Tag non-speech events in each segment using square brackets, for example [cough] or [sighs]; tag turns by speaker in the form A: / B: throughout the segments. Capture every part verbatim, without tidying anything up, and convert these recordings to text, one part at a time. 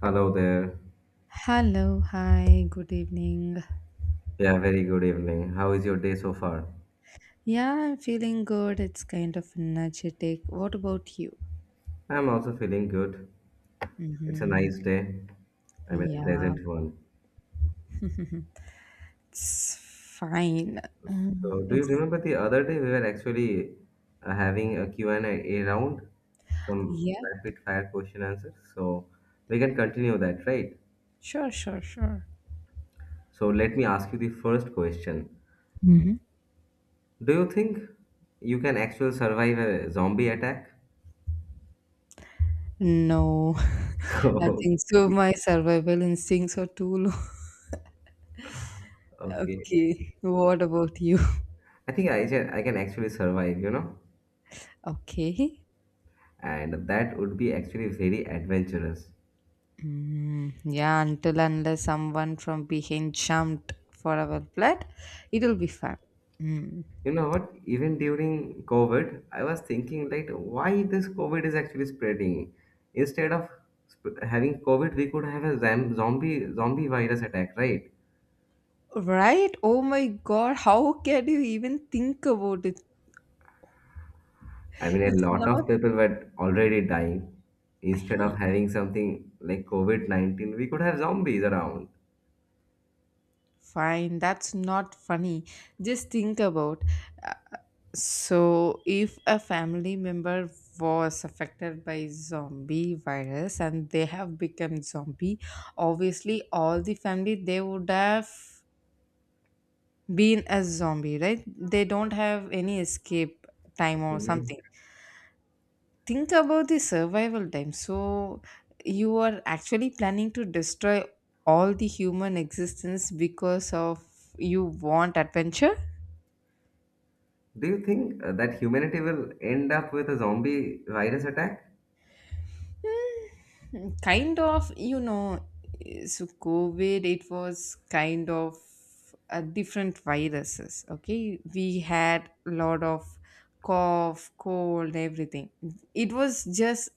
A: Hello there.
B: Hello, hi, good evening.
A: Yeah, very good evening. How is your day so far?
B: Yeah, I'm feeling good. It's kind of energetic. What about you?
A: I'm also feeling good. It's a
B: Mm-hmm.
A: nice day. I mean, a
B: Yeah,
A: pleasant one.
B: [laughs] it's fine. Mm,
A: So, do you
B: It's
A: remember the other day we were actually uh, having a Q and A round, some
B: yeah,
A: rapid fire question answers. So, we can continue that, right?
B: sure, sure, sure.
A: So, let me ask you the first question.
B: hmm
A: Do you think you can actually survive a zombie attack?
B: No,
A: [laughs]
B: [laughs] I think so.
A: Okay.
B: My survival instincts are too low. [laughs]
A: Okay.
B: Okay, what about you? [laughs]
A: I think I can, I can actually survive, you know?
B: Okay.
A: And that would be actually very adventurous.
B: Mm, yeah, until unless someone from behind jumped for our blood, it'll be fun.
A: You know what, even during covid I was thinking, like, why this covid is actually spreading? Instead of sp- having covid, we could have a zam- zombie zombie virus attack, right?
B: Right? Oh my God, how can you even think about it?
A: I mean, a
B: It's
A: lot of
B: not
A: people were already dying. Instead of
B: Hey,
A: having something like covid nineteen, we could have zombies around.
B: fine, that's not funny. Just think about uh, so if a family member was affected by zombie virus and they have become zombie, obviously all the family they would have been a zombie, right? They don't have any escape time or
A: Mhm.
B: something. Think about the survival time, so you are actually planning to destroy all the human existence because of you want adventure.
A: Do you think uh, that humanity will end up with a zombie virus attack?
B: Hmm, kind of, you know, so COVID, it was kind of a different viruses. Okay, we had a lot of cough cold everything. It was just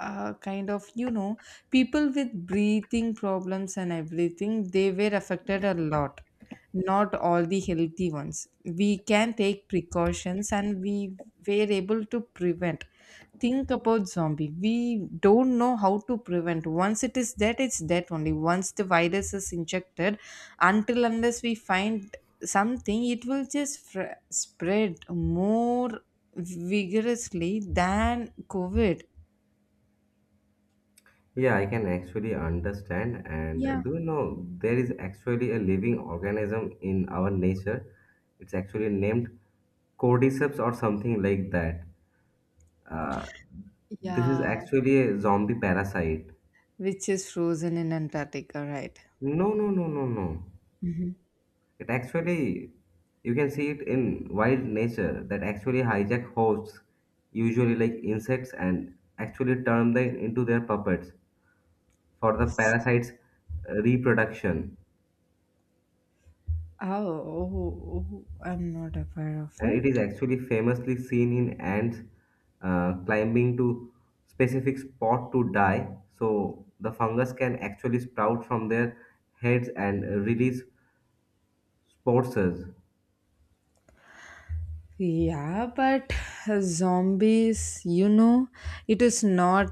B: uh, kind of, you know, people with breathing problems and everything, they were affected a lot. Not all the healthy ones. We can take precautions and we were able to prevent. Think about zombie, we don't know how to prevent. Once it is dead, it's dead. Only once the virus is injected, until unless we find something, it will just fr- spread more vigorously than COVID.
A: Yeah, I can actually understand. And uh,
B: Yeah.
A: do you know there is actually a living organism in our nature? It's actually named cordyceps or something like that. Uh, this is
B: Yeah,
A: actually a zombie parasite.
B: which is frozen in Antarctica, right?
A: No, no, no, no, no.
B: Hmm.
A: It actually, you can see it in wild nature that actually hijack hosts, usually like insects, and actually turn them into their puppets for the parasite's uh, reproduction.
B: Oh, oh, oh, I'm not aware of
A: And it
B: it.
A: is actually famously seen in ants uh, climbing to specific spot to die, so the fungus can actually sprout from their heads and release spores. No.
B: Yeah, but zombies, you know, it is not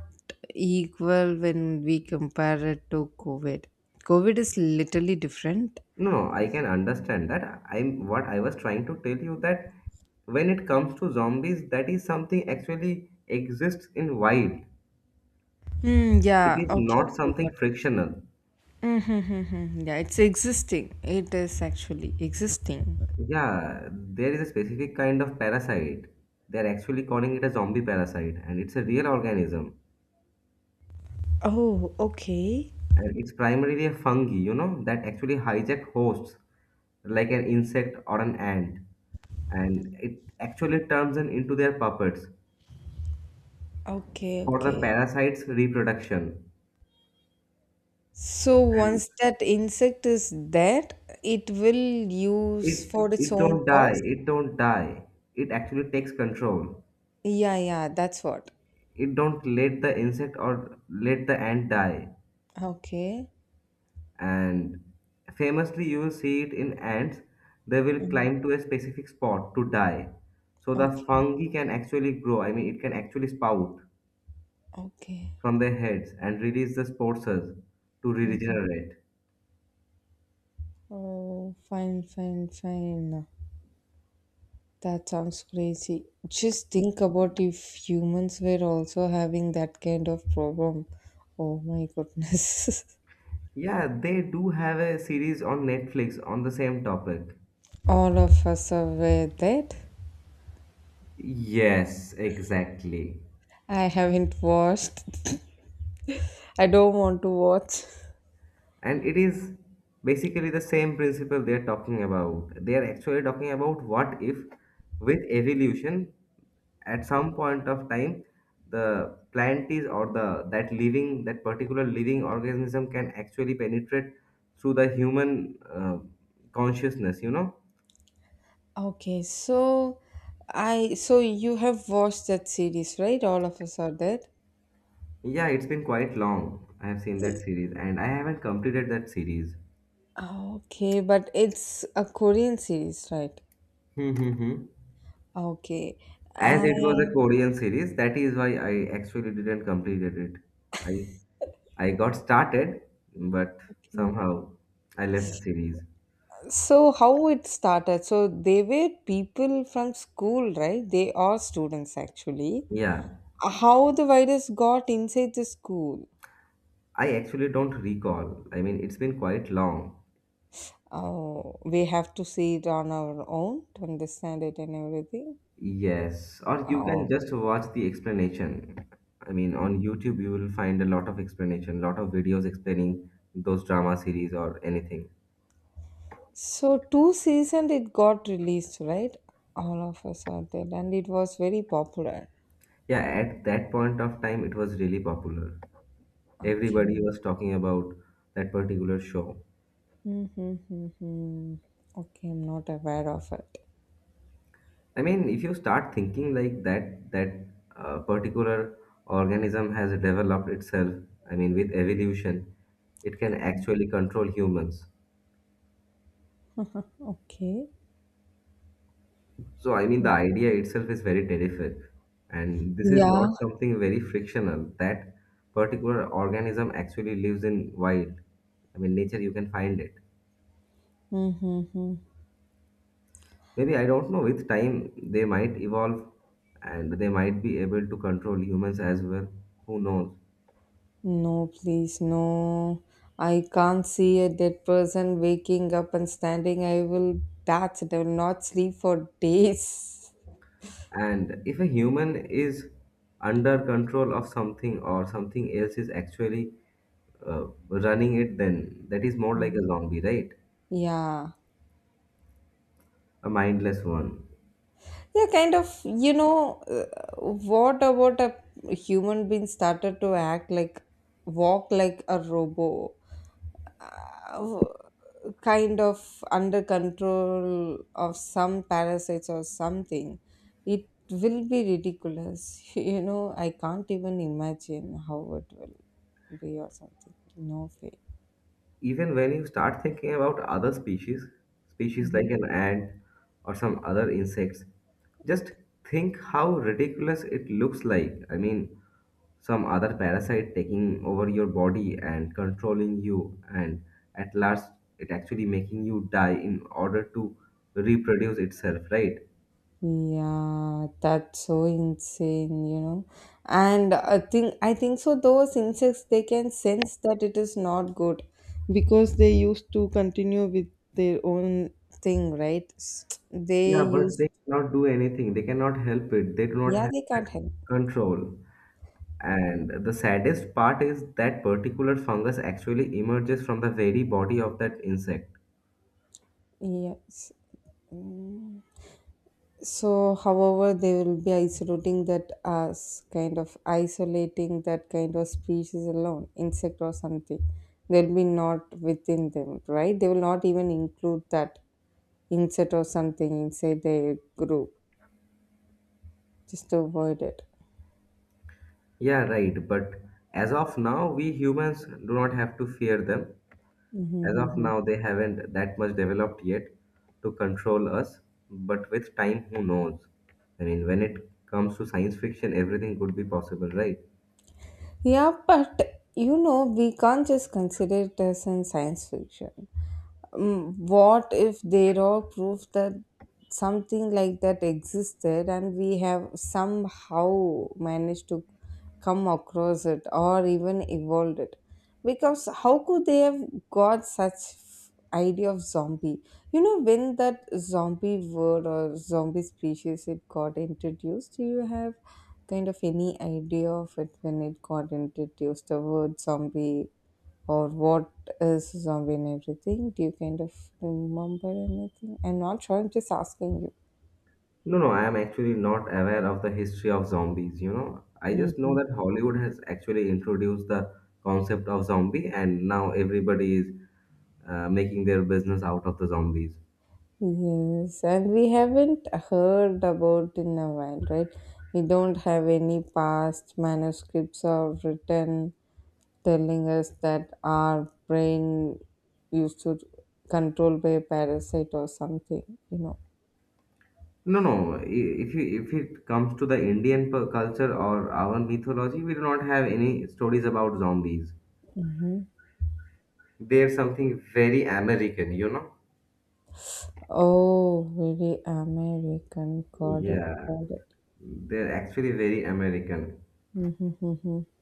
B: equal when we compare it to COVID. COVID is literally different.
A: No, I can understand that. I'm what i was trying to tell you that when it comes to zombies, that is something actually exists in wild.
B: Mm,
A: It
B: yeah,
A: is
B: okay,
A: not
B: okay,
A: something
B: got it.
A: frictional.
B: Mm-hmm, yeah, it's existing. It is actually existing.
A: Yeah, there is a specific kind of parasite. They're actually calling it a zombie parasite, and it's a real organism.
B: Oh, okay.
A: And it's primarily a fungi, you know, that actually hijack hosts like an insect or an ant. And it actually turns them into their puppets
B: Okay,
A: for the
B: okay.
A: parasite's reproduction.
B: So
A: And
B: once that insect is there, it will use
A: it
B: for its
A: it
B: own
A: don't die,
B: cause?
A: it don't die, it actually takes control.
B: Yeah, yeah, that's what.
A: It don't let the insect or let the ant die.
B: Okay.
A: And famously you will see it in ants. They will
B: Mhm.
A: climb to a specific spot to die, so the
B: Okay.
A: fungi can actually grow. I mean, it can actually spout
B: Okay.
A: from their heads and release the spores to
B: Mhm.
A: regenerate.
B: Oh, fine, fine, fine. That sounds crazy. Just think about if humans were also having that kind of problem. Oh my goodness. [laughs]
A: Yeah, they do have a series on Netflix on the same topic.
B: All of us are aware that.
A: Yes, exactly.
B: I haven't watched. I don't want to watch.
A: And it is basically the same principle they are talking about they are actually talking about what if, with evolution, at some point of time, the plant is, or the that living that particular living organism can actually penetrate through the human uh, consciousness you know
B: Okay, so I so you have watched that series, right? All of us are dead.
A: Yeah, it's been quite long I have seen that
B: Y-
A: series, and I haven't completed that series.
B: Okay, but it's a Korean series, right?
A: Hmm, hmm, hmm.
B: Okay.
A: As it was a
B: And
A: Korean series, that is why I actually didn't completed it. I I got started, but
B: okay.
A: somehow I left the series.
B: So how it started? So they were people from school, right? They are students actually.
A: Yeah,
B: How the virus got inside the school?
A: I actually don't recall. I mean, it's been quite long.
B: Oh, we have to see it on our own to understand it and everything.
A: Yes, or you can just watch the explanation. I mean, on YouTube you will find a lot of explanation, lot of videos explaining those drama series or anything.
B: So two seasons it got released, right? All of us are there, and it was very popular.
A: Yeah, at that point of time it was really popular. Everybody
B: Okay.
A: was talking about that particular show.
B: Mm-hmm, mm-hmm. Okay, I'm not aware of it.
A: I mean, if you start thinking like that, that uh, particular organism has developed itself, I mean, with evolution, it can actually control humans.
B: Okay.
A: So, I mean, the idea itself is very terrific. And this is
B: Yeah.
A: not something very frictional. That particular organism actually lives in wild. I mean, nature, you can find it.
B: Mm-hmm.
A: Maybe, I don't know, with time, they might evolve and they might be able to control humans as well. Who knows?
B: No, please, no. I can't see a dead person waking up and standing. I will, that's it. I will not sleep for days.
A: And if a human is under control of something, or something else is actually uh, running it, then that is more like
B: Mm.
A: a zombie, right?
B: Yeah.
A: A mindless one.
B: Yeah, kind of, you know, uh, what about a human being started to act like, walk like a robo, uh, kind of under control of some parasites or something? It will be ridiculous. [laughs] You know, I can't even imagine how it will be or something. No way.
A: Even when you start thinking about other species, species
B: Mm-hmm.
A: like an ant or some other insects, just think how ridiculous it looks like. I mean, some other parasite taking over your body and controlling you, and at last, it actually making you die in order to reproduce itself, right?
B: Yeah, that's so insane, you know. And I think I think so those insects they can sense that it is not good because they used to continue with their own thing, right? S- They
A: Yeah, but
B: use
A: they cannot do anything. They cannot help it. They do not
B: yeah,
A: have
B: they can't
A: that
B: help.
A: control. And the saddest part is that particular fungus actually emerges from the very body of that insect.
B: Yes. Mm. So, however, they will be isolating that as kind of isolating that kind of species alone, insect or something. They'll be not within them, right? They will not even include that insert or something inside the group just to avoid it.
A: Yeah, right. But as of now, we humans do not have to fear them. As of
B: Mhm.
A: now, they haven't that much developed yet to control us. But with time, who knows? I mean, when it comes to science fiction, everything could be possible, right?
B: Yeah, but you know, we can't just consider it as in science fiction. Mm, what if they all prove that something like that existed and we have somehow managed to come across it or even evolved it, because how could they have got such f- idea of zombie. You know, when that zombie word or zombie species it got introduced, do you have kind of any idea of it, when it got introduced the word zombie or what is zombie and everything? Do you kind of remember anything? I'm not sure. I'm just asking you.
A: No, no, I am actually not aware of the history of zombies, you know. I just know
B: Mhm.
A: that Hollywood has actually introduced the concept of zombie, and now everybody is uh, making their business out of the zombies.
B: Yes, and we haven't heard about in a while, right? We don't have any past manuscripts or written telling us that our brain used to control by a parasite or something, you know.
A: No, no, i- if you if it comes to the Indian p- culture or our mythology, we do not have any stories about zombies. They're something very American, you know.
B: Oh, very American. Got it,
A: Yeah,
B: got
A: they're actually very American,
B: it. [laughs]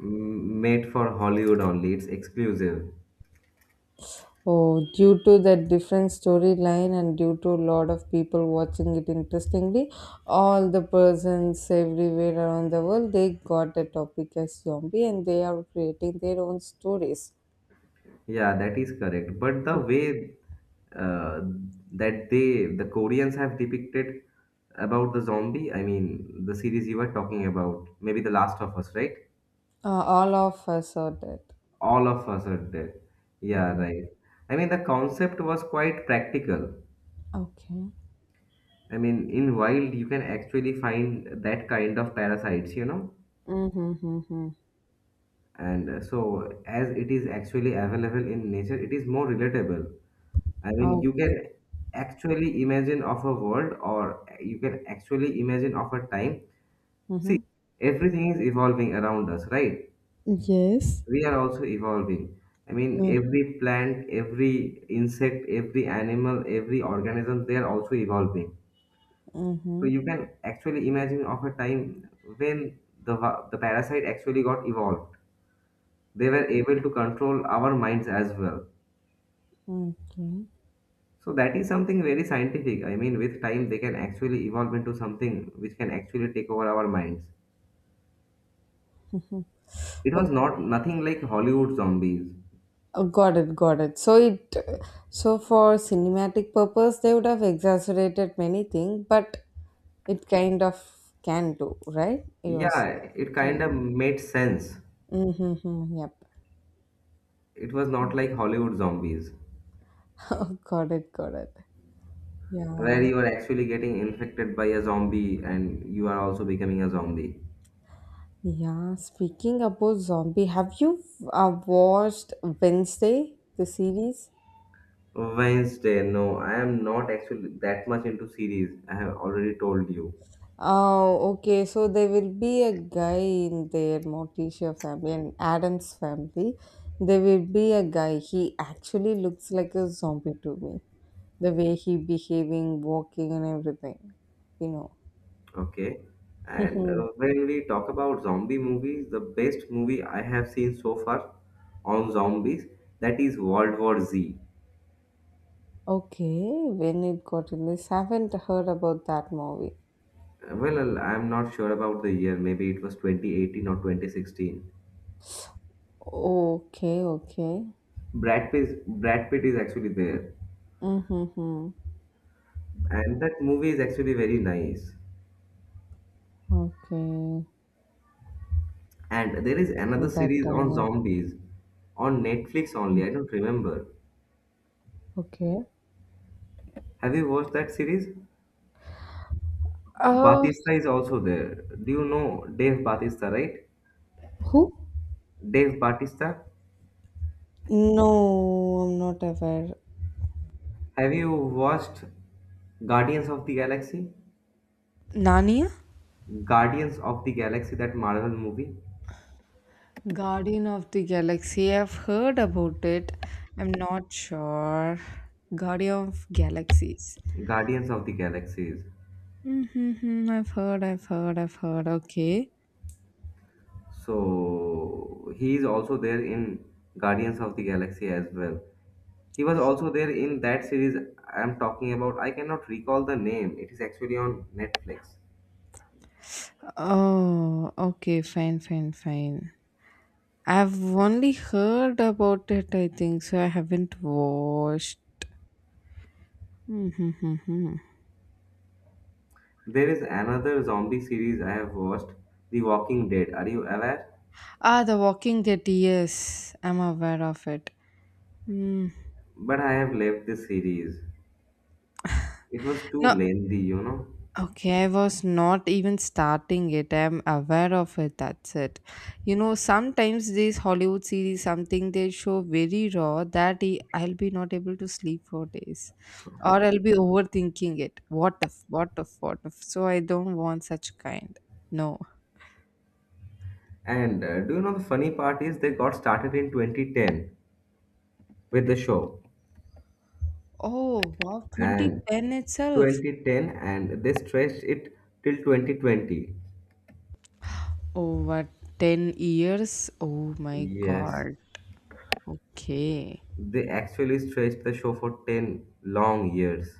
A: M- made for Hollywood only. It's exclusive.
B: Oh, due to the different storyline and due to a lot of people watching it interestingly, all the persons everywhere around the world, they got the topic as zombie and they are creating their own stories.
A: Yeah, that is correct. But
B: Uh,
A: the way uh, that they, the Koreans have depicted about the zombie, I mean, the series you were talking about, maybe The Last of Us, right?
B: all of us are dead.
A: All of us are dead. Yeah,
B: Mhm.
A: right. I mean, the concept was quite practical.
B: Okay.
A: I mean, in wild, you can actually find that kind of parasites, you know?
B: Mm-hmm, mm-hmm.
A: And uh, so, as it is actually available in nature, it is more relatable. I mean, you
B: Okay.
A: can actually imagine of a world, or you can actually imagine of a time. See,
B: Mm-hmm.
A: everything is evolving around us, right?
B: Yes.
A: We are also evolving. I mean, every plant, every insect, every animal, every organism, they are also evolving. So
B: Mm-hmm.
A: you can actually imagine of a time when the va- the parasite actually got evolved. They were able to control our minds as well. So that is something very scientific. I mean, with time they can actually evolve into something which can actually take over our minds. It was
B: Okay.
A: not nothing like Hollywood zombies.
B: Oh, got it, got it. So it, so for cinematic purpose, they would have exaggerated many things, but it kind of can do, right? You was
A: Yeah, it kind of
B: telling.
A: made sense.
B: Mm-hmm, yep.
A: It was not like Hollywood zombies,
B: [laughs] Oh, got it, got it.
A: where
B: Yeah,
A: you are actually getting infected by a zombie and you are also becoming a zombie.
B: yeah. Speaking about zombie, have you uh, watched Wednesday, the series?
A: Wednesday, no, I am not actually that much into series. I have already told you.
B: Oh, okay. So there will be a guy in their Morticia family and Adam's family. There will be a guy. He actually looks like a zombie to me. The way he behaving, walking, and everything. You
A: Okay. And
B: know.
A: uh, when we talk about zombie movies, the best movie I have seen so far on zombies, that is World War Z.
B: [laughs] Okay. When it got released, haven't heard about that movie.
A: Uh, Well, I'm not sure about the year. Maybe it was twenty eighteen or twenty sixteen.
B: Okay. Okay.
A: Brad Pitt, Brad Pitt is actually there.
B: Mm-hmm.
A: And that movie is actually very nice.
B: Okay.
A: And there is another
B: That
A: series
B: I'm
A: on
B: not.
A: zombies on Netflix only. I don't remember.
B: Okay.
A: Have you watched that series?
B: Uh,
A: Batista is also there. Do you know Dave Batista, right?
B: who?
A: Dave Bautista.
B: No, I'm not aware.
A: Have you watched Guardians of the Galaxy?
B: Narnia?
A: Guardians of the Galaxy, that Marvel movie.
B: Guardian of the Galaxy. I've heard about it. I'm not sure. Guardian of Galaxies.
A: Guardians of the Galaxies.
B: Mm-hmm, I've heard, I've heard, I've heard. Okay.
A: So he is also there in Guardians of the Galaxy as well. He was also there in that series I am talking about. I cannot recall the name. It is actually on Netflix.
B: Oh, okay. Fine, fine, fine. I've only heard about it, I think, so I haven't watched. Mm-hmm.
A: There is another zombie series I have watched, The Walking Dead. Are you aware?
B: Ah, The Walking Dead. Yes, I'm aware of it. Mm.
A: But I have left this series. It was too
B: No,
A: lengthy, you know.
B: okay, I was not even starting it. I'm aware of it. That's it. You know, sometimes these Hollywood series, something they show very raw that I- I'll be not able to sleep for days, or I'll
A: Okay.
B: be overthinking it. What if? What if? What if? So I don't want such kind. No.
A: And uh, do you know the funny part is they got started in twenty ten with the show,
B: Oh wow,
A: and
B: twenty ten itself.
A: twenty ten, and they stretched it till twenty twenty.
B: Over ten years. Oh my
A: Yes,
B: God. Okay.
A: they actually stretched the show for ten long years.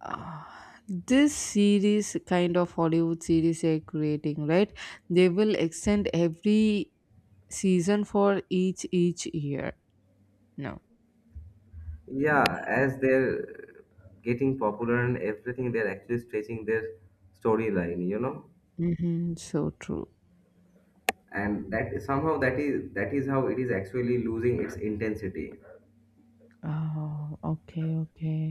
B: uh, this series, kind of Hollywood series they're creating, right? They will extend every season for each each year, no?
A: Yeah, as they're getting popular and everything, they're actually stretching their storyline, you know?
B: Mm-hmm. So true.
A: And that somehow that is that is how it is actually losing its intensity.
B: Oh, okay, okay.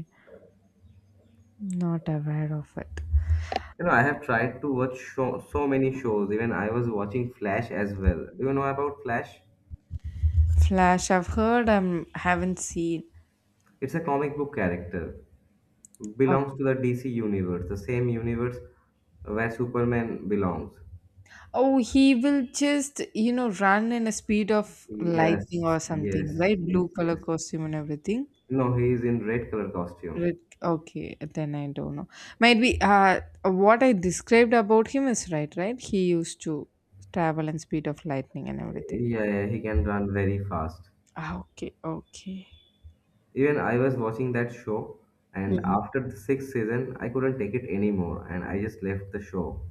B: Not aware of it.
A: You know, I have tried to watch show, so many shows. Even I was watching Flash as well. Do you know about Flash?
B: Flash, I've heard, um haven't seen.
A: It's a comic book character.
B: Okay.
A: Belongs to the D C universe, the same universe where Superman belongs.
B: Oh, he will just, you know, run in a speed of
A: Yes,
B: lightning or
A: yes,
B: something, right?
A: yes,
B: Blue color
A: yes.
B: costume and everything.
A: No, he is in red color costume.
B: Right. Okay, then I don't know. Might be uh, what I described about him is right, right? He used to travel and speed of lightning and everything.
A: Yeah, yeah, he can run very fast.
B: Ah, okay, okay.
A: Even I was watching that show, and
B: Mm-hmm.
A: after the sixth season, I couldn't take it anymore, and I just left the show.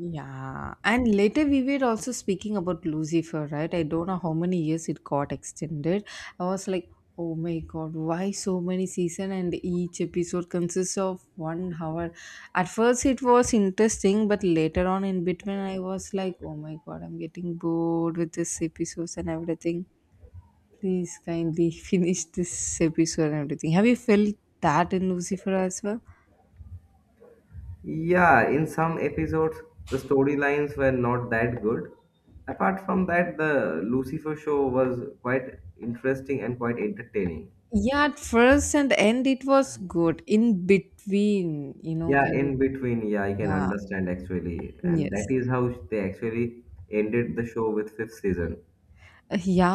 B: Yeah, and later we were also speaking about Lucifer, right? I don't know how many years it got extended. I was like, oh my god, why so many season and each episode consists of one hour? At first it was interesting, but later on in between I was like, oh my god, I'm getting bored with this episodes and everything. Please kindly [laughs] finish this episode and everything. Have you felt that in Lucifer as well?
A: Yeah, in some episodes, the storylines were not that good. Apart from that, the Lucifer show was quite interesting and quite entertaining.
B: Yeah, at first and end it was good. In between, you know,
A: Yeah,
B: kind of
A: in between, yeah, I can
B: yeah.
A: understand actually. And that
B: Yes.
A: is how they actually ended the show with fifth season.
B: Yeah,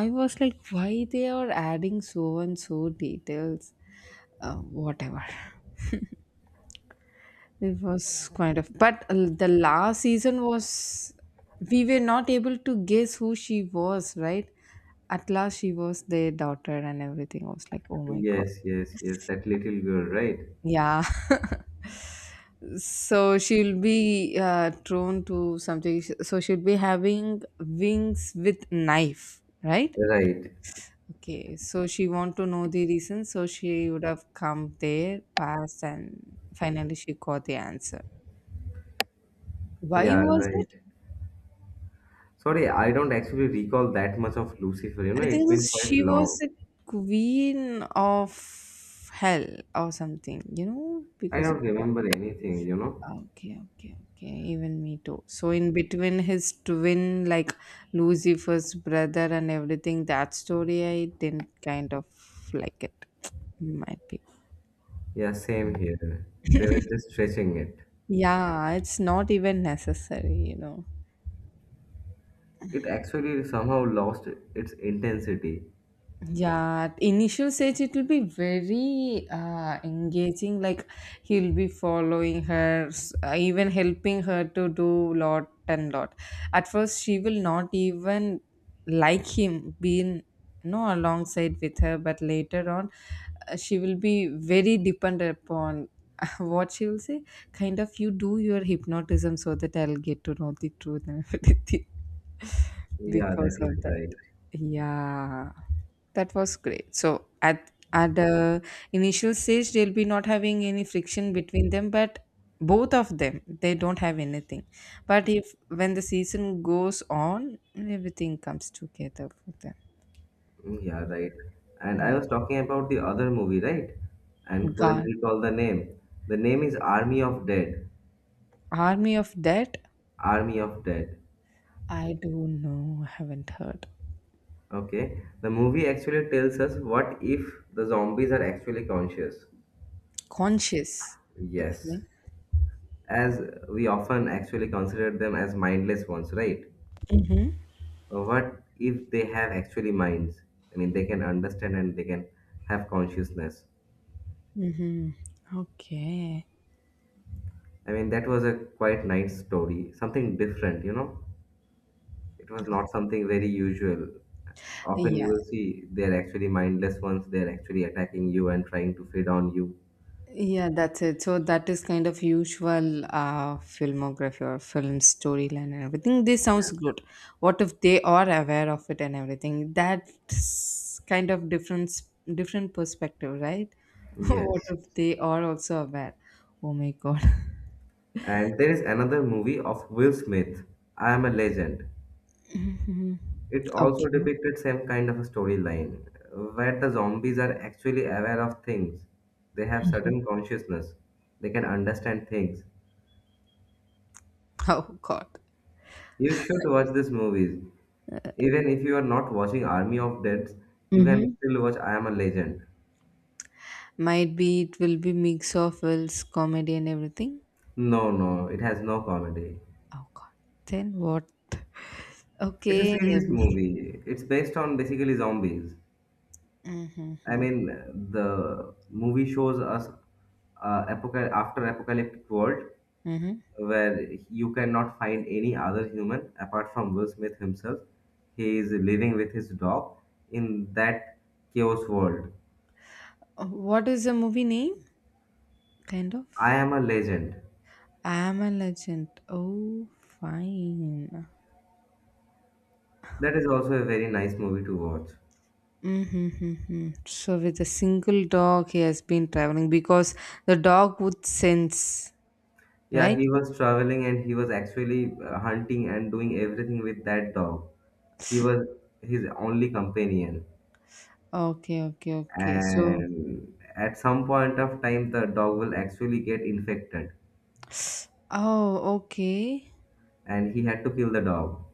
B: I was like, why they are adding so and so details? Uh, whatever. It was kind of, but uh, the last season was, we were not able to guess who she was, right? At last, she was their daughter, and everything was like, oh my god.
A: Yes, yes, yes, that little girl, right?
B: Yeah. [laughs] So she'll be uh, thrown to something. So she'll be having wings with knife, right?
A: Right.
B: Okay. So she want to know the reason. So she would have come there, passed, and finally she got the answer. Why
A: Yeah,
B: was
A: right.
B: it?
A: Sorry, I don't actually recall that much of Lucifer, you know,
B: I
A: it's
B: think
A: been
B: this-
A: quite
B: she was
A: long.
B: a queen of hell or something. You know,
A: I
B: because. Of
A: don't remember anything, you know.
B: Okay, okay, okay. Even me too. So in between his twin, like Lucifer's brother and everything, that story I didn't kind of like it. Might be.
A: Yeah, same here. They were just stretching it.
B: Yeah, it's not even necessary, you know.
A: It actually somehow lost its intensity.
B: Yeah, at initial stage it will be very uh, engaging. Like he'll be following her, s- uh, even helping her to do lot and lot. At first, she will not even like him being, you know, alongside with her, but later on, uh, she will be very dependent upon [laughs] what she will say. Kind of, you do your hypnotism so that I'll get to know the truth and [laughs] everything
A: Yeah,
B: because
A: that is
B: of that,
A: right.
B: yeah. That was great. So at at the initial stage they'll be not having any friction between them, but both of them they don't have anything. But if, when the season goes on, everything comes together for them.
A: Mm, yeah, right. And I
B: Yeah.
A: was talking about the other movie, right? And couldn't
B: God.
A: recall the name. The name is Army of Dead.
B: Army of dead.
A: Army of Dead.
B: I don't know, I haven't heard.
A: Okay. The movie actually tells us what if the zombies are actually conscious.
B: Conscious. Okay.
A: Yes. As we often actually consider them as mindless ones, right?
B: Mm-hmm.
A: Uh, What if they have actually minds? I mean, they can understand and they can have consciousness.
B: Mm-hmm. Okay.
A: I mean, that was a quite nice story, something different, you know? It was not something very usual. Often you
B: Yeah.
A: will see they're actually mindless ones, they're actually attacking you and trying to feed on you.
B: Yeah, that's it. So that is kind of usual uh, filmography or film storyline and everything. This sounds good. What if they are aware of it and everything? That's kind of different different perspective, right? [laughs] What
A: Yes.
B: if they are also aware? Oh my god.
A: And there is another movie of Will Smith, I Am a Legend.
B: Mhm.
A: It also
B: Okay.
A: depicted same kind of a storyline where the zombies are actually aware of things. They have certain consciousness. They can understand things.
B: Oh god.
A: You should watch these movies. Even if you are not watching Army of Deads, you can
B: Mm-hmm.
A: still watch I Am a Legend.
B: Might be it will be mix of wills, comedy and everything.
A: No, no, it has no comedy.
B: Oh god. Then what?
A: It's a
B: Okay.
A: serious movie. It's based on basically zombies. I
B: Mm-hmm.
A: mean, the movie shows us uh, apoca- after apocalyptic world where you cannot find any other human apart from Will Smith himself. He is living with his dog in that chaos world.
B: Uh, What is the movie name? Kind
A: I
B: of.
A: am a legend.
B: I am a legend. Oh, fine.
A: That is also a very nice movie to watch.
B: Mm-hmm. So, with a single dog, he has been traveling because the dog would sense,
A: Yeah,
B: right?
A: he was traveling and he was actually uh, hunting and doing everything with that dog. He was his only companion.
B: Okay, okay, okay. So,
A: And at some point of time, the dog will actually get infected
B: [sighs] oh, okay.
A: and he had to kill the dog.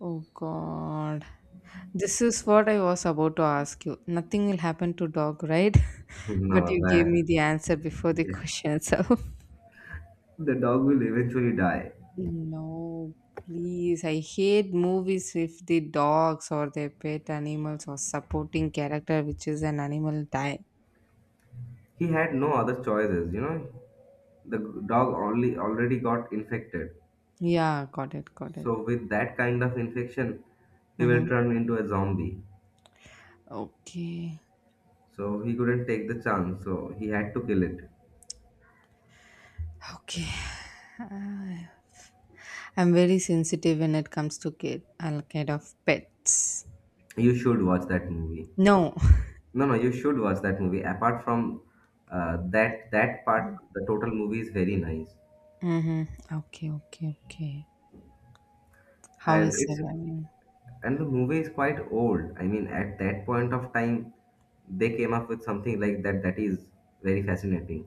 B: Oh, God. This is what I was about to ask you. Nothing will happen to dog, right?
A: [laughs]
B: [laughs] But
A: no,
B: you gave
A: that,
B: me the answer before the [laughs]
A: yeah.
B: question. So,
A: The dog will eventually die.
B: no, please. I hate movies with the dogs or their pet animals or supporting character, which is an animal die.
A: He had no other choices, you know. The dog only already got infected.
B: Yeah, got it, got it.
A: So with that kind of infection, he will
B: Mm-hmm.
A: turn into a zombie.
B: Okay,
A: So he couldn't take the chance. So he had to kill it.
B: okay. [sighs] Ah, I'm very sensitive when it comes to kid, uh, kind of pets.
A: You should watch that movie.
B: No.
A: No, no, you should watch that movie. Apart from uh, that that part, the total movie is very nice,
B: Mm-hmm. Okay, okay, okay. How
A: and
B: is
A: it's
B: surviving?
A: and the movie is quite old. I mean, at that point of time, they came up with something like that that is very fascinating.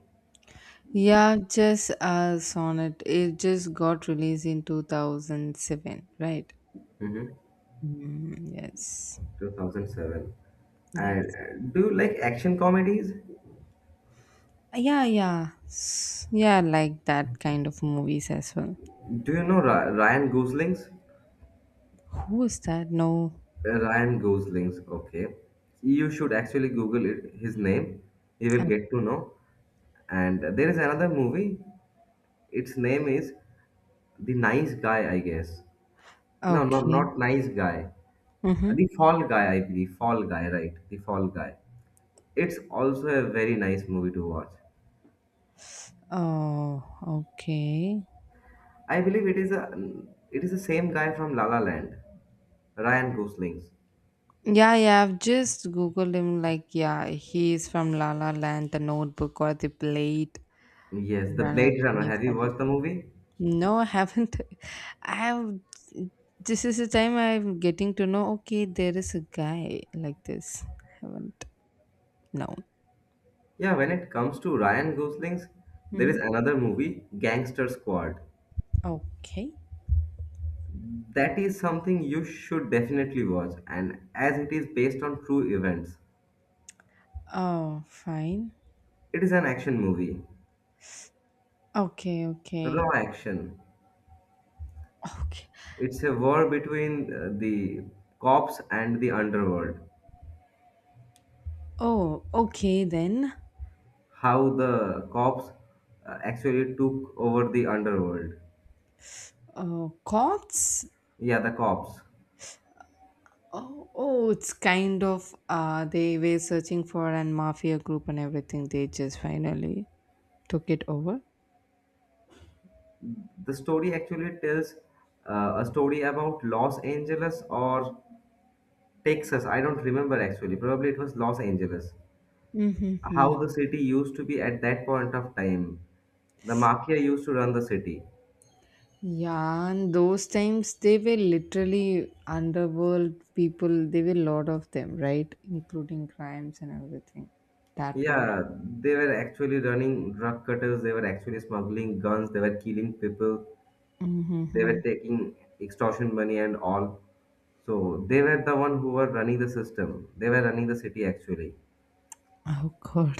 B: Yeah, just uh, Sonnet. It just got released in two thousand seven, right?
A: Mm-hmm.
B: Mm, yes.
A: two thousand seven, and
B: Yes.
A: uh, do you like action comedies?
B: Yeah, yeah. S- Yeah, I like that kind of movies as well.
A: Do you know Ra- Ryan Gosling's?
B: Who is that? No.
A: Uh, ryan gosling's okay, you should actually google it, his name, you will
B: Oh,
A: get to know. And there is another movie, its name is the Nice Guy, I guess. No, not not
B: okay.
A: Nice Guy.
B: Mm-hmm.
A: The Fall Guy, I believe. Fall Guy, right? The Fall Guy. It's also a very nice movie to watch.
B: Oh, okay.
A: I believe it is a it is the same guy from La La Land, Ryan Gosling's.
B: Yeah, yeah, I've just Googled him. Like, yeah, he's from La La Land, The Notebook, or The Blade
A: Yes, the
B: Runner
A: Blade Runner. Have you
B: twenty fourteen.
A: watched the movie?
B: No, I haven't. [laughs] I have. This is the time I'm getting to know, okay, there is a guy like this. Haven't. No.
A: Yeah, when it comes to Ryan Gosling's, there is another movie, Gangster Squad.
B: Okay.
A: That is something you should definitely watch, and as it is based on true events,
B: Oh, fine.
A: it is an action movie,
B: Okay, okay.
A: raw action.
B: Okay.
A: It's a war between uh, the cops and the underworld.
B: Oh, okay then.
A: How the cops uh, actually took over the underworld.
B: Uh, cops?
A: Yeah, the cops.
B: Oh, oh, it's kind of uh they were searching for an mafia group and everything. They just finally took it over.
A: The story actually tells uh, a story about Los Angeles or Texas. I don't remember actually. Probably it was Los Angeles.
B: Mm-hmm.
A: How the city used to be at that point of time. The mafia used to run the city.
B: Yeah, and those times they were literally underworld people. They were lot of them, right? Including crimes and everything. That one.
A: Yeah, they were actually running drug cutters, they were actually smuggling guns, they were killing people. They were
B: Mm-hmm.
A: taking extortion money and all. So they were the one who were running the system. They were running the city actually.
B: Oh God.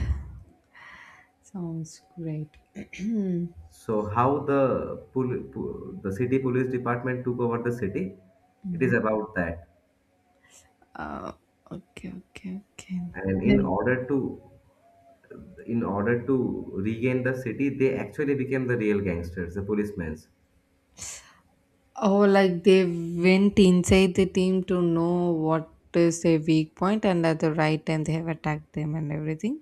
B: Sounds great. [clears throat]
A: So how the pol- po- the city police department took over the city, it is about that.
B: uh, okay, okay, okay.
A: And in
B: Then,
A: order to in order to regain the city, they actually became the real gangsters, the policemen.
B: oh, like they went inside the team to know what is their weak point, and at the right time they have attacked them and everything.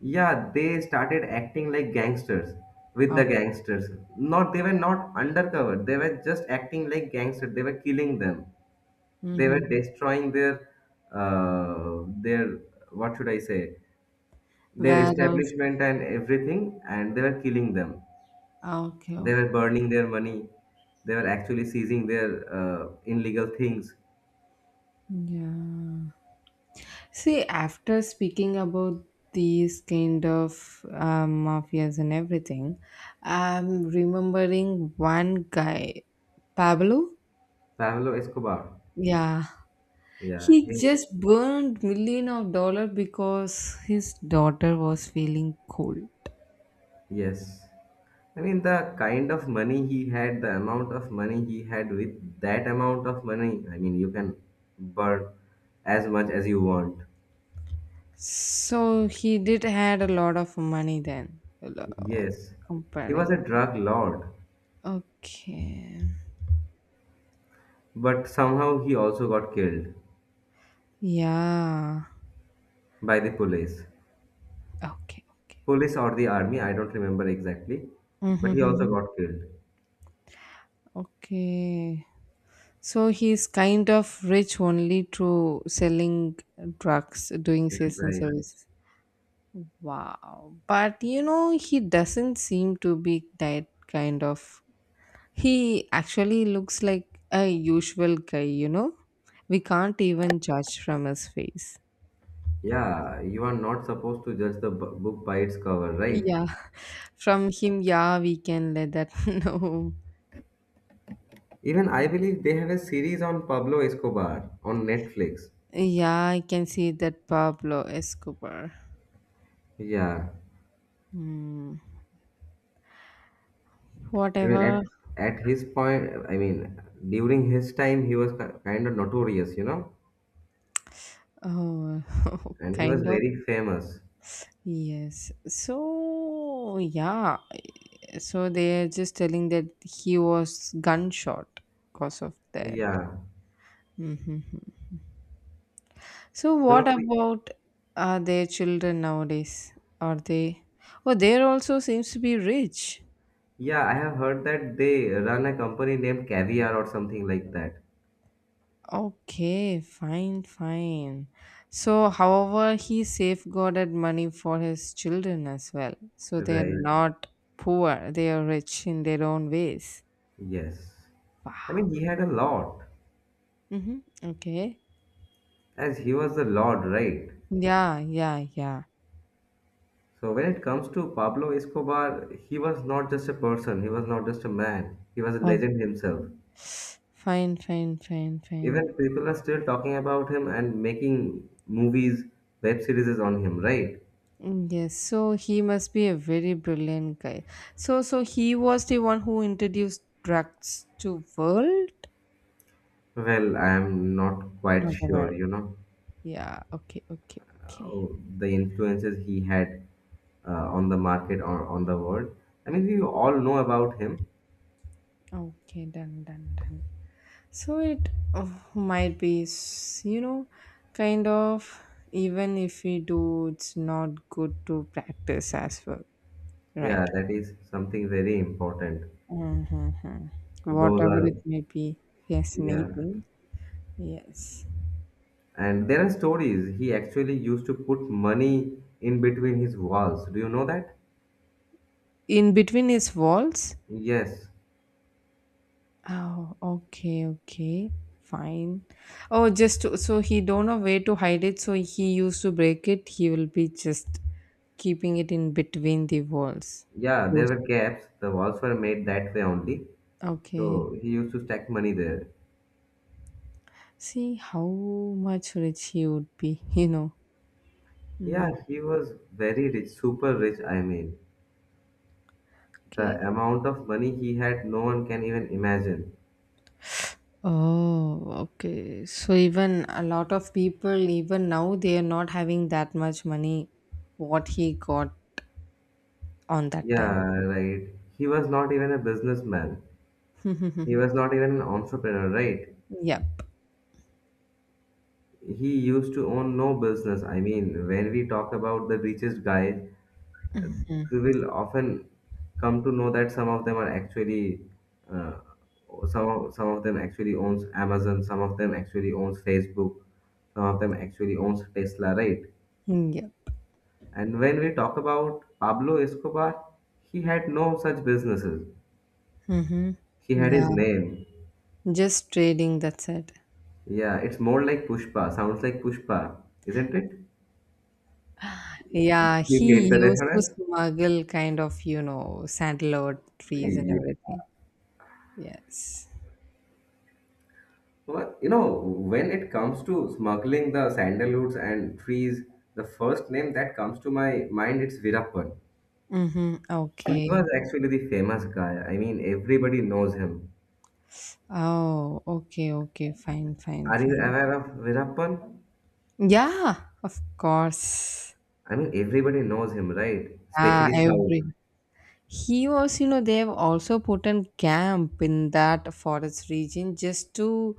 A: Yeah, they started acting like gangsters with the
B: Oh.
A: gangsters. Not they were not undercover. They were just acting like gangsters. They were killing them, they were
B: Mm-hmm.
A: destroying their uh, their what should I say their
B: Where else?
A: establishment and everything, and they were killing them.
B: Okay,
A: They were
B: okay.
A: burning their money. They were actually seizing their uh, illegal things.
B: Yeah. See, after speaking about these kind of um, mafias and everything, I'm remembering one guy, Pablo.
A: Pablo Escobar.
B: Yeah.
A: Yeah.
B: He
A: He,
B: just burned million of dollar because his daughter was feeling cold.
A: yes. I mean, the kind of money he had, the amount of money he had, with that amount of money, I mean, you can burn as much as you want.
B: So he did had a lot of money then. Hello,
A: Yes. He was a
B: comparing.
A: drug lord.
B: Okay.
A: But somehow he also got killed
B: Yeah.
A: by the police.
B: Okay. Okay.
A: Police or the army, I don't remember exactly. But he also
B: Mm-hmm.
A: got killed.
B: Okay. So he's kind of rich only through selling drugs, doing
A: Yeah,
B: sales and
A: right.
B: service. Wow. But you know, he doesn't seem to be that kind of he actually looks like a usual guy, you know? We can't even judge from his face.
A: Yeah, you are not supposed to judge the bu- book by its cover, right?
B: Yeah, [laughs] from him, yeah, we can let that [laughs] know.
A: Even I believe they have a series on Pablo Escobar on Netflix.
B: Yeah, I can see that Pablo Escobar.
A: Yeah.
B: Hmm.
A: I mean, at,
B: Whatever.
A: at his point, I mean, during his time, he was ki- kind of notorious, you know?
B: Oh, [laughs]
A: And he was
B: kind of.
A: very famous.
B: Yes. So, yeah. So they're just telling that he was gunshot because of that.
A: Yeah.
B: Hmm. So what
A: Probably.
B: about uh, their children nowadays? Are they? Oh, they also seems to be rich.
A: Yeah, I have heard that they run a company named Caviar or something like that.
B: Okay, fine, fine. So, however, he safeguarded money for his children as well. So they're
A: Right.
B: not poor; they are rich in their own ways.
A: Yes. I
B: Wow.
A: mean, he had a lot,
B: Mm-hmm. Okay.
A: as he was the Lord, right?
B: Yeah, yeah, yeah.
A: So when it comes to Pablo Escobar, he was not just a person, he was not just a man, he was a
B: Oh,
A: legend himself.
B: fine, fine, fine, fine.
A: Even people are still talking about him and making movies, web series on him, right?
B: Mm, yes, so he must be a very brilliant guy. So, so he was the one who introduced drugs to world,
A: Well, I am not quite
B: not the
A: sure,
B: world.
A: you know.
B: Yeah. Okay. Okay. Okay.
A: Oh, the influences he had uh, on the market or on the world. I mean, we all know about him.
B: Okay. Done. Done. Done. So it oh, might be, s- you know, kind of even if we do, it's not good to practice as well, right?
A: Yeah, that is something very important.
B: Mm-hmm.
A: Those
B: Whatever
A: are,
B: it may be,
A: yeah.
B: fascinating. Yes.
A: And there are stories. He actually used to put money in between his walls. Do you know that?
B: In between his walls,
A: Yes.
B: oh, okay, okay, fine. Oh, just to, so he don't know where to hide it, so he used to break it. He will be just keeping it in between the walls.
A: Yeah, there
B: Those-
A: were gaps. The walls were made that way only.
B: okay.
A: So he used to stack money there.
B: See how much rich he would be, [laughs] you know. Mm,
A: Yeah, he was very rich, super rich, I mean.
B: okay.
A: The amount of money he had, no one can even imagine.
B: Oh, okay. So even a lot of people, even now, they are not having that much money. What he got on that time.
A: Yeah, right. He was not even a businessman. He was
B: [laughs]
A: not even an entrepreneur, right?
B: Yep.
A: He used to own no business. I mean, when we talk about the richest guys, uh, we will often come to know that some of them are actually, uh, some of, some of them actually owns Amazon, some of them actually owns Facebook, some of them actually owns Tesla, right?
B: Mm. Yep.
A: And when we talk about Pablo Escobar, he had no such businesses.
B: Mm-hmm.
A: He had
B: Yeah.
A: his name.
B: Just trading, that's it.
A: Yeah, it's more like Pushpa. Sounds like Pushpa, isn't it?
B: Yeah,
A: You
B: he
A: get the
B: used to
A: reference?
B: smuggle kind of, you know, sandalwood trees and
A: Yeah.
B: everything. Yes.
A: Well, you know, when it comes to smuggling the sandalwoods and trees, the first name that comes to my mind it's Virappan.
B: Mm-hmm.
A: He
B: Okay.
A: was actually the famous guy. I mean, everybody knows him.
B: Oh, okay, okay. Fine, fine,
A: Are you
B: fine.
A: aware of Virappan?
B: Yeah, of course.
A: I mean, everybody knows him, right?
B: Yeah,
A: Especially South.
B: every. He was, you know, they have also put in camp in that forest region just to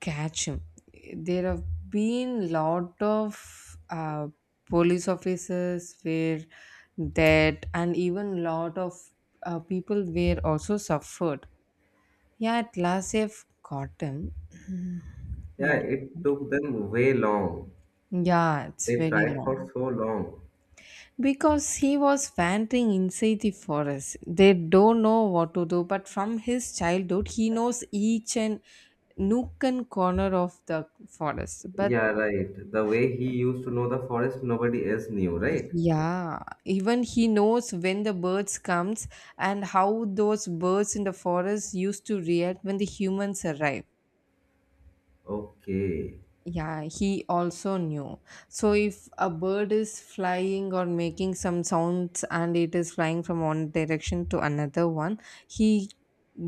B: catch him. There have been lot of uh, police officers where that, and even lot of uh, people were also suffered. Yeah, at last they've caught him.
A: Yeah,
B: Yeah,
A: it took them way long.
B: yeah, it's
A: They
B: very
A: tried for
B: long
A: so long.
B: because he was wandering inside the forest. They don't know what to do, but from his childhood, he knows each and nook and corner of the forest. But
A: Yeah, right. The way he used to know the forest, nobody else knew, right?
B: yeah, even he knows when the birds comes and how those birds in the forest used to react when the humans arrive.
A: Okay.
B: Yeah, he also knew. So if a bird is flying or making some sounds and it is flying from one direction to another one, he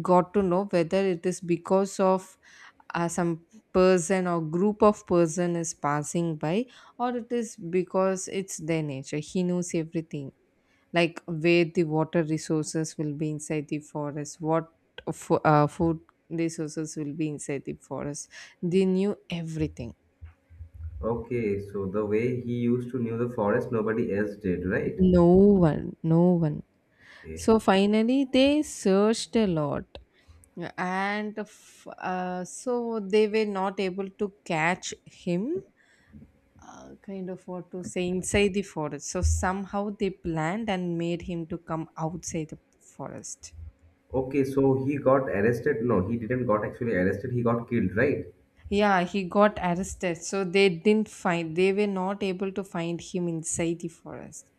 B: got to know whether it is because of uh, some person or group of person is passing by or it is because it's their nature. He knows everything like where the water resources will be inside the forest what fo- uh, food resources will be inside the forest, they knew everything.
A: Okay, so the way he used to knew the forest, nobody else did, right?
B: No one, no one.
A: Okay.
B: So finally they searched a lot and f- uh, so they were not able to catch him, uh, kind of what to say inside the forest, so somehow they planned and made him to come outside the forest.
A: Okay, so he got arrested. No, he didn't got actually arrested. He got killed, right?
B: Yeah, he got arrested. So they didn't find, they were not able to find him inside the forest.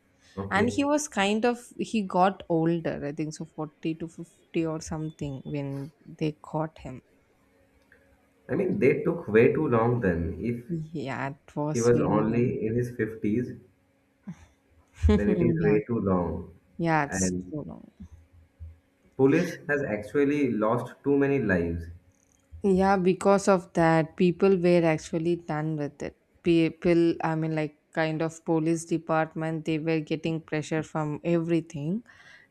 B: And
A: Okay.
B: he was kind of, he got older, I think so forty to fifty or something when they caught him.
A: I mean, they took way too long then. If
B: Yeah, it
A: he
B: was
A: was
B: very long.
A: only in his fifties,
B: [laughs]
A: then it is
B: yeah,
A: way too long.
B: yeah, it's
A: And
B: too long.
A: police has actually lost too many lives.
B: Yeah, because of that, people were actually done with it. People, I mean, like kind of police department, they were getting pressure from everything,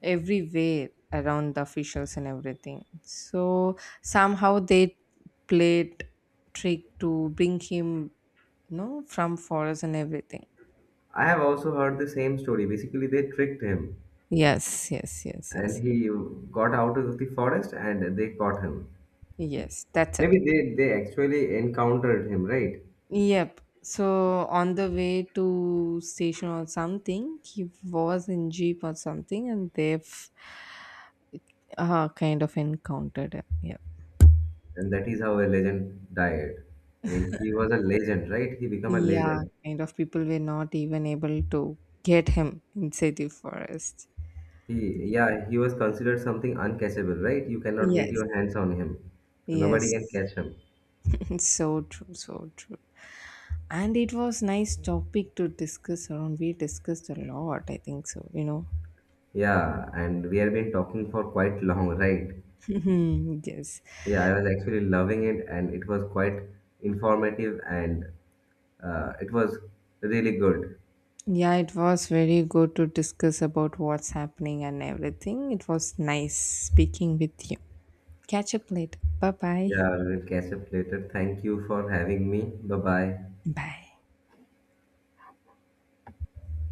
B: everywhere around the officials and everything. So somehow they played trick to bring him, you know, from forest and everything.
A: I have also heard the same story. Basically, they tricked him,
B: Yes, yes, yes,
A: and
B: yes,
A: he got out of the forest and they caught him.
B: yes. That's it.
A: Maybe they, they actually encountered him, right?
B: Yep. So on the way to station or something, he was in jeep or something, and they've uh, kind of encountered him. Yeah,
A: And that is how a legend died. I mean, he was a legend, right? He became a
B: yeah.
A: legend.
B: Kind of people were not even able to get him inside the forest.
A: He, yeah, he was considered something uncatchable, right? You cannot get
B: Yes,
A: your hands on him. Nobody can
B: yes.
A: catch him.
B: [laughs] So true, so true. And it was nice topic to discuss around. We discussed a lot, I think so. You know.
A: Yeah, and we have been talking for quite long, right?
B: [laughs] Yes.
A: Yeah, I was actually loving it, and it was quite informative, and uh, it was really good.
B: Yeah, it was very good to discuss about what's happening and everything. It was nice speaking with you. Catch up later. Bye bye.
A: Yeah, we'll catch up later. Thank you for having me. Bye bye.
B: Bye.